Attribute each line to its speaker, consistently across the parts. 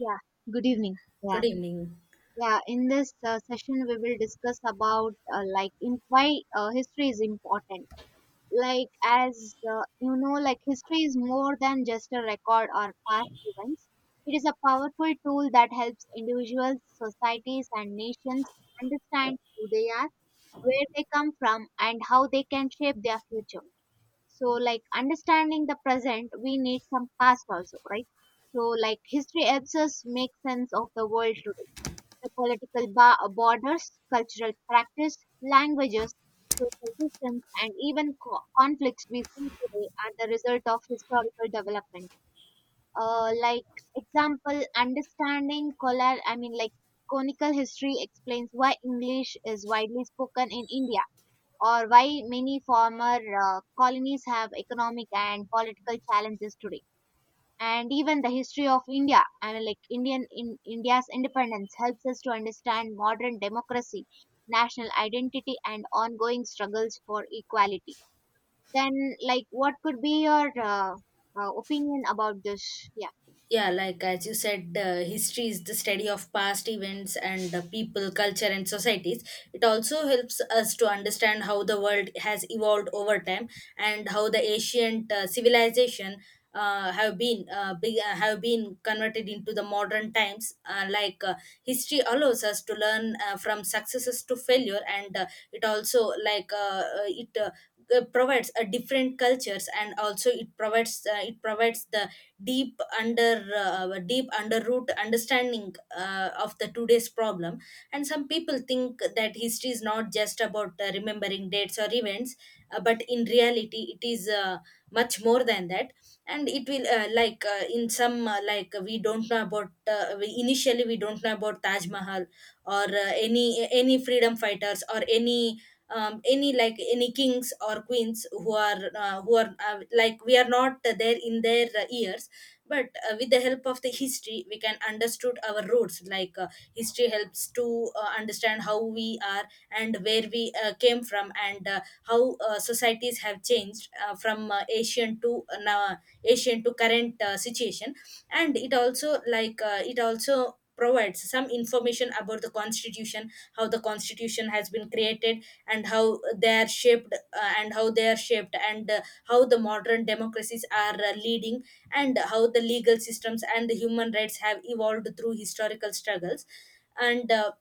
Speaker 1: Yeah, good evening. Yeah,
Speaker 2: Good evening.
Speaker 1: yeah. In this session, we will discuss about like in why history is important. Like as like history is more than just a record or past events. It is a powerful tool that helps individuals, societies, and nations understand who they are, where they come from, and how they can shape their future. So, like, understanding the present, we need some past also, right? So, like, history helps us make sense of the world today. The political borders, cultural practice, languages, social systems, and even conflicts we see today are the result of historical developments. Like, example, understanding color, I mean, like, conical history explains why english is widely spoken in india, or why many former colonies have economic and political challenges today. And even the history of india, I mean, like, indian in india's independence helps us to understand modern democracy, national identity, and ongoing struggles for equality. Then, like, what could be your opinion about this? Yeah.
Speaker 2: Yeah, like as you said, history is the study of past events and people, culture, and societies. It also helps us to understand how the world has evolved over time and how the ancient civilization have been converted into the modern times. History allows us to learn from successes to failure, and it also like it. Provides a different cultures, and also it provides the deep under root understanding of the today's problem. And some people think that history is not just about remembering dates or events, but in reality it is much more than that. And it will in some like, we don't know about initially we don't know about Taj Mahal or any freedom fighters, or any like any kings or queens who are like, we are not there in their years. But with the help of the history we can understood our roots. History helps to understand how we are and where we came from, and how societies have changed from ancient to now ancient to current situation. And it also provides some information about the constitution, how the constitution has been created and how they are shaped and how the modern democracies are leading, and how the legal systems and the human rights have evolved through historical struggles. And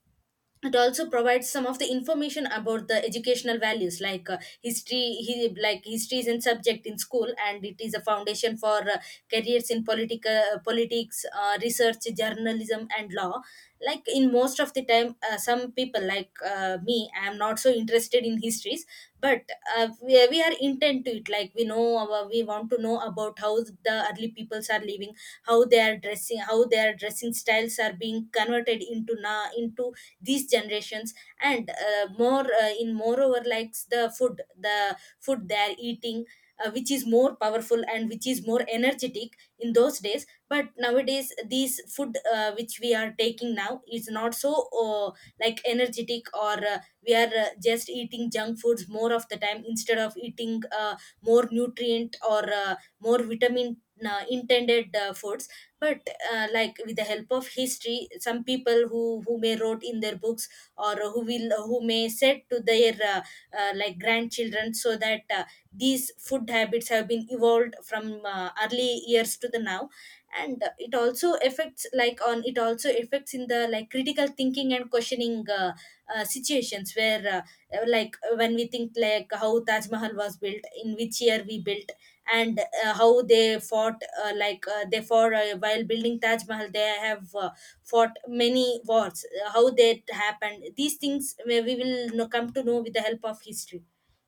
Speaker 2: it also provides some of the information about the educational values. Like like history is in subject in school and it is a foundation for careers in political politics, research, journalism, and law. Like in most of the time some people like me, I am not so interested in histories, but we are intent to it. Like, we know we want to know about how the early peoples are living, how they are dressing, how their dressing styles are being converted into na into these generations. And moreover likes the food, they are eating, which is more powerful and which is more energetic in those days, but nowadays these food which we are taking now is not so like energetic or we are just eating junk foods more of the time, instead of eating more nutrient or more vitamin intended foods. But like with the help of history, some people who may wrote in their books, or who may said to their like grandchildren, so that these food habits have been evolved from early years to the now. And it also affects, like on it also affects in the like critical thinking and questioning situations, where when we think like how Taj Mahal was built, in which year we built, and how they fought while building Taj Mahal. They have fought many wars, how that happened, these things where we will come to know with the help of history.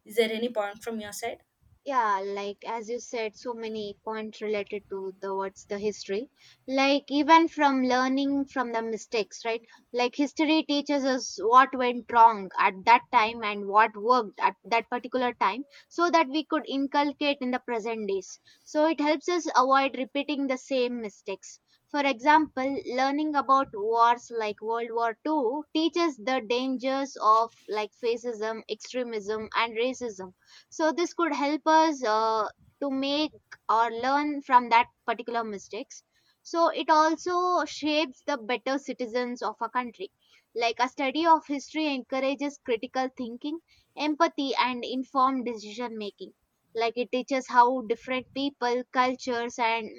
Speaker 2: Is there any point from your side?
Speaker 1: Yeah, like, as you said, so many points related to the what's the history. Like, even from learning from the mistakes, right? Like, history teaches us what went wrong at that time and what worked at that particular time so that we could inculcate in the present days, so it helps us avoid repeating the same mistakes. For example, learning about wars like World War II teaches the dangers of, like, fascism, extremism, and racism. So this could help us to make or learn from that particular mistakes. So it also shapes the better citizens of a country. Like, a study of history encourages critical thinking, empathy, and informed decision making. Like, it teaches how different people, cultures, and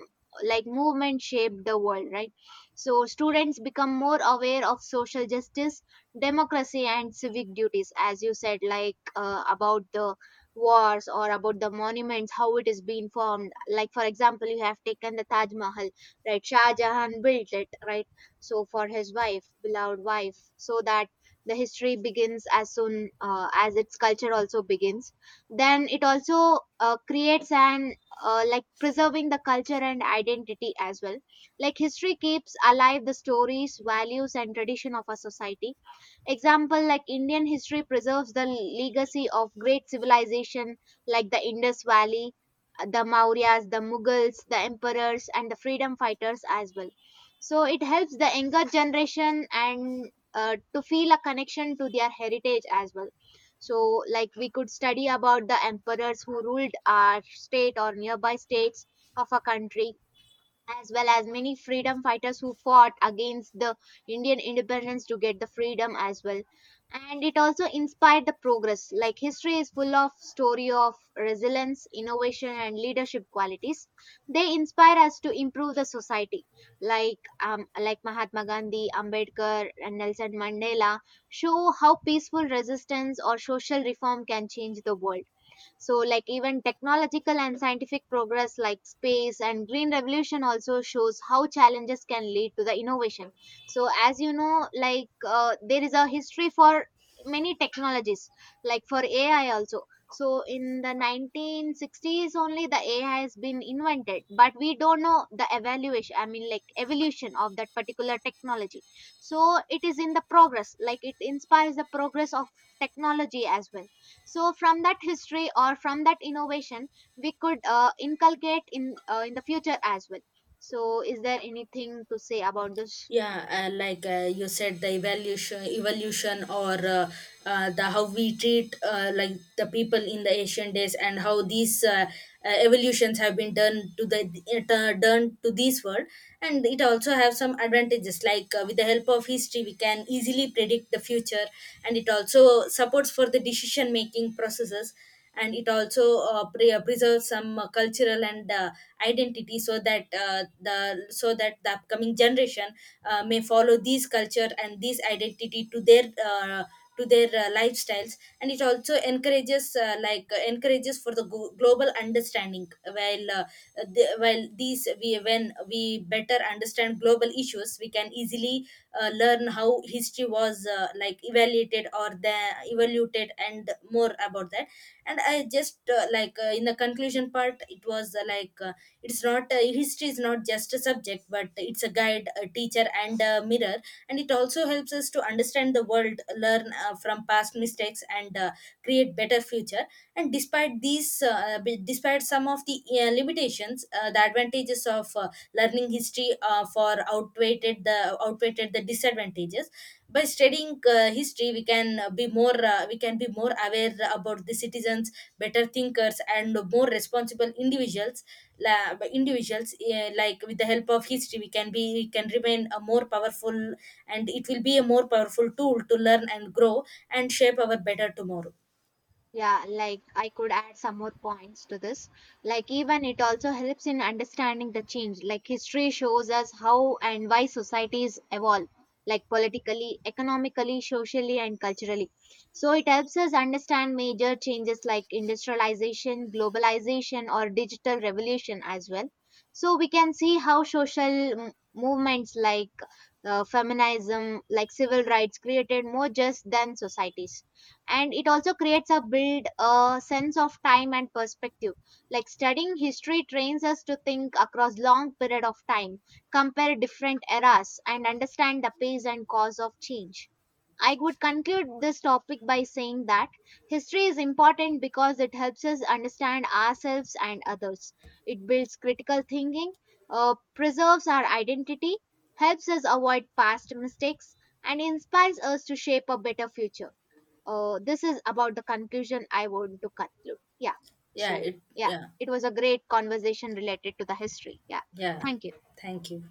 Speaker 1: like movement shape the world, right? So students become more aware of social justice, democracy, and civic duties. As you said, like, about the wars or about the monuments, how it is being formed. Like, for example, you have taken the taj mahal, right? Shah jahan built it, right? So for his wife, beloved wife, so that the history begins as soon as its culture also begins. Then it also creates an like preserving the culture and identity as well. Like, history keeps alive the stories, values, and tradition of a society. Example, like, Indian history preserves the legacy of great civilization, like the Indus Valley, the Mauryas, the Mughals, the emperors, and the freedom fighters as well. So it helps the younger generation and to feel a connection to their heritage as well. So, like, we could study about the emperors who ruled our state or nearby states of a country, as well as many freedom fighters who fought against the Indian independence to get the freedom as well. And it also inspired the progress. Like, history is full of story of resilience, innovation, and leadership qualities. They inspire us to improve the society. Like, like Mahatma Gandhi, Ambedkar, and Nelson Mandela show how peaceful resistance or social reform can change the world. So, like, even technological and scientific progress, like space and green revolution, also shows how challenges can lead to the innovation. So, as you know, like, there is a history for many technologies, like for AI also. So, in the 1960s only, the AI has been invented, but we don't know the evaluation, I mean, like, evolution of that particular technology. So, it is in the progress, like, it inspires the progress of technology as well. So from that history or from that innovation, we could inculcate in the future as well. So, is there anything to say about this?
Speaker 2: Yeah, you said the evolution, or the how we treat like the people in the ancient days and how these evolutions have been done to done to this world. And it also have some advantages. Like with the help of history we can easily predict the future, and it also supports for the decision making processes. And it also preserves some cultural and identity, so that the so that the upcoming generation may follow these culture and these identity to their lifestyles. And it also encourages encourages for the global understanding. While the, while these we, when we better understand global issues, we can easily learn how history was like evaluated or the evaluated, and more about that. And I just in the conclusion part, it was it's not history is not just a subject, but it's a guide, a teacher, and a mirror. And it also helps us to understand the world, learn from past mistakes, and create better future. And despite these, despite some of the limitations, the advantages of learning history for outweighed the disadvantages. By studying history, we can be more we can be more aware about the citizens, better thinkers, and more responsible individuals. La- by individuals, like with the help of history we can remain a more powerful, and it will be a more powerful tool to learn and grow, and shape our better tomorrow.
Speaker 1: Yeah, like, I could add some more points to this. Like, even it also helps in understanding the change. Like, history shows us how and why societies evolve, like politically, economically, socially, and culturally. So, it helps us understand major changes like industrialization, globalization, or digital revolution as well. So, we can see how social movements like feminism, like civil rights, created more just than societies. And it also creates a build a sense of time and perspective. Like, studying history trains us to think across long period of time, compare different eras, and understand the pace and cause of change. I would conclude this topic by saying that history is important because it helps us understand ourselves and others, it builds critical thinking, preserves our identity, helps us avoid past mistakes, and inspires us to shape a better future. This is about the conclusion I want to conclude. Yeah.
Speaker 2: yeah
Speaker 1: So,
Speaker 2: it
Speaker 1: yeah,
Speaker 2: Yeah.
Speaker 1: it was a great conversation related to the history. Yeah.
Speaker 2: Yeah.
Speaker 1: Thank you.
Speaker 2: Thank you.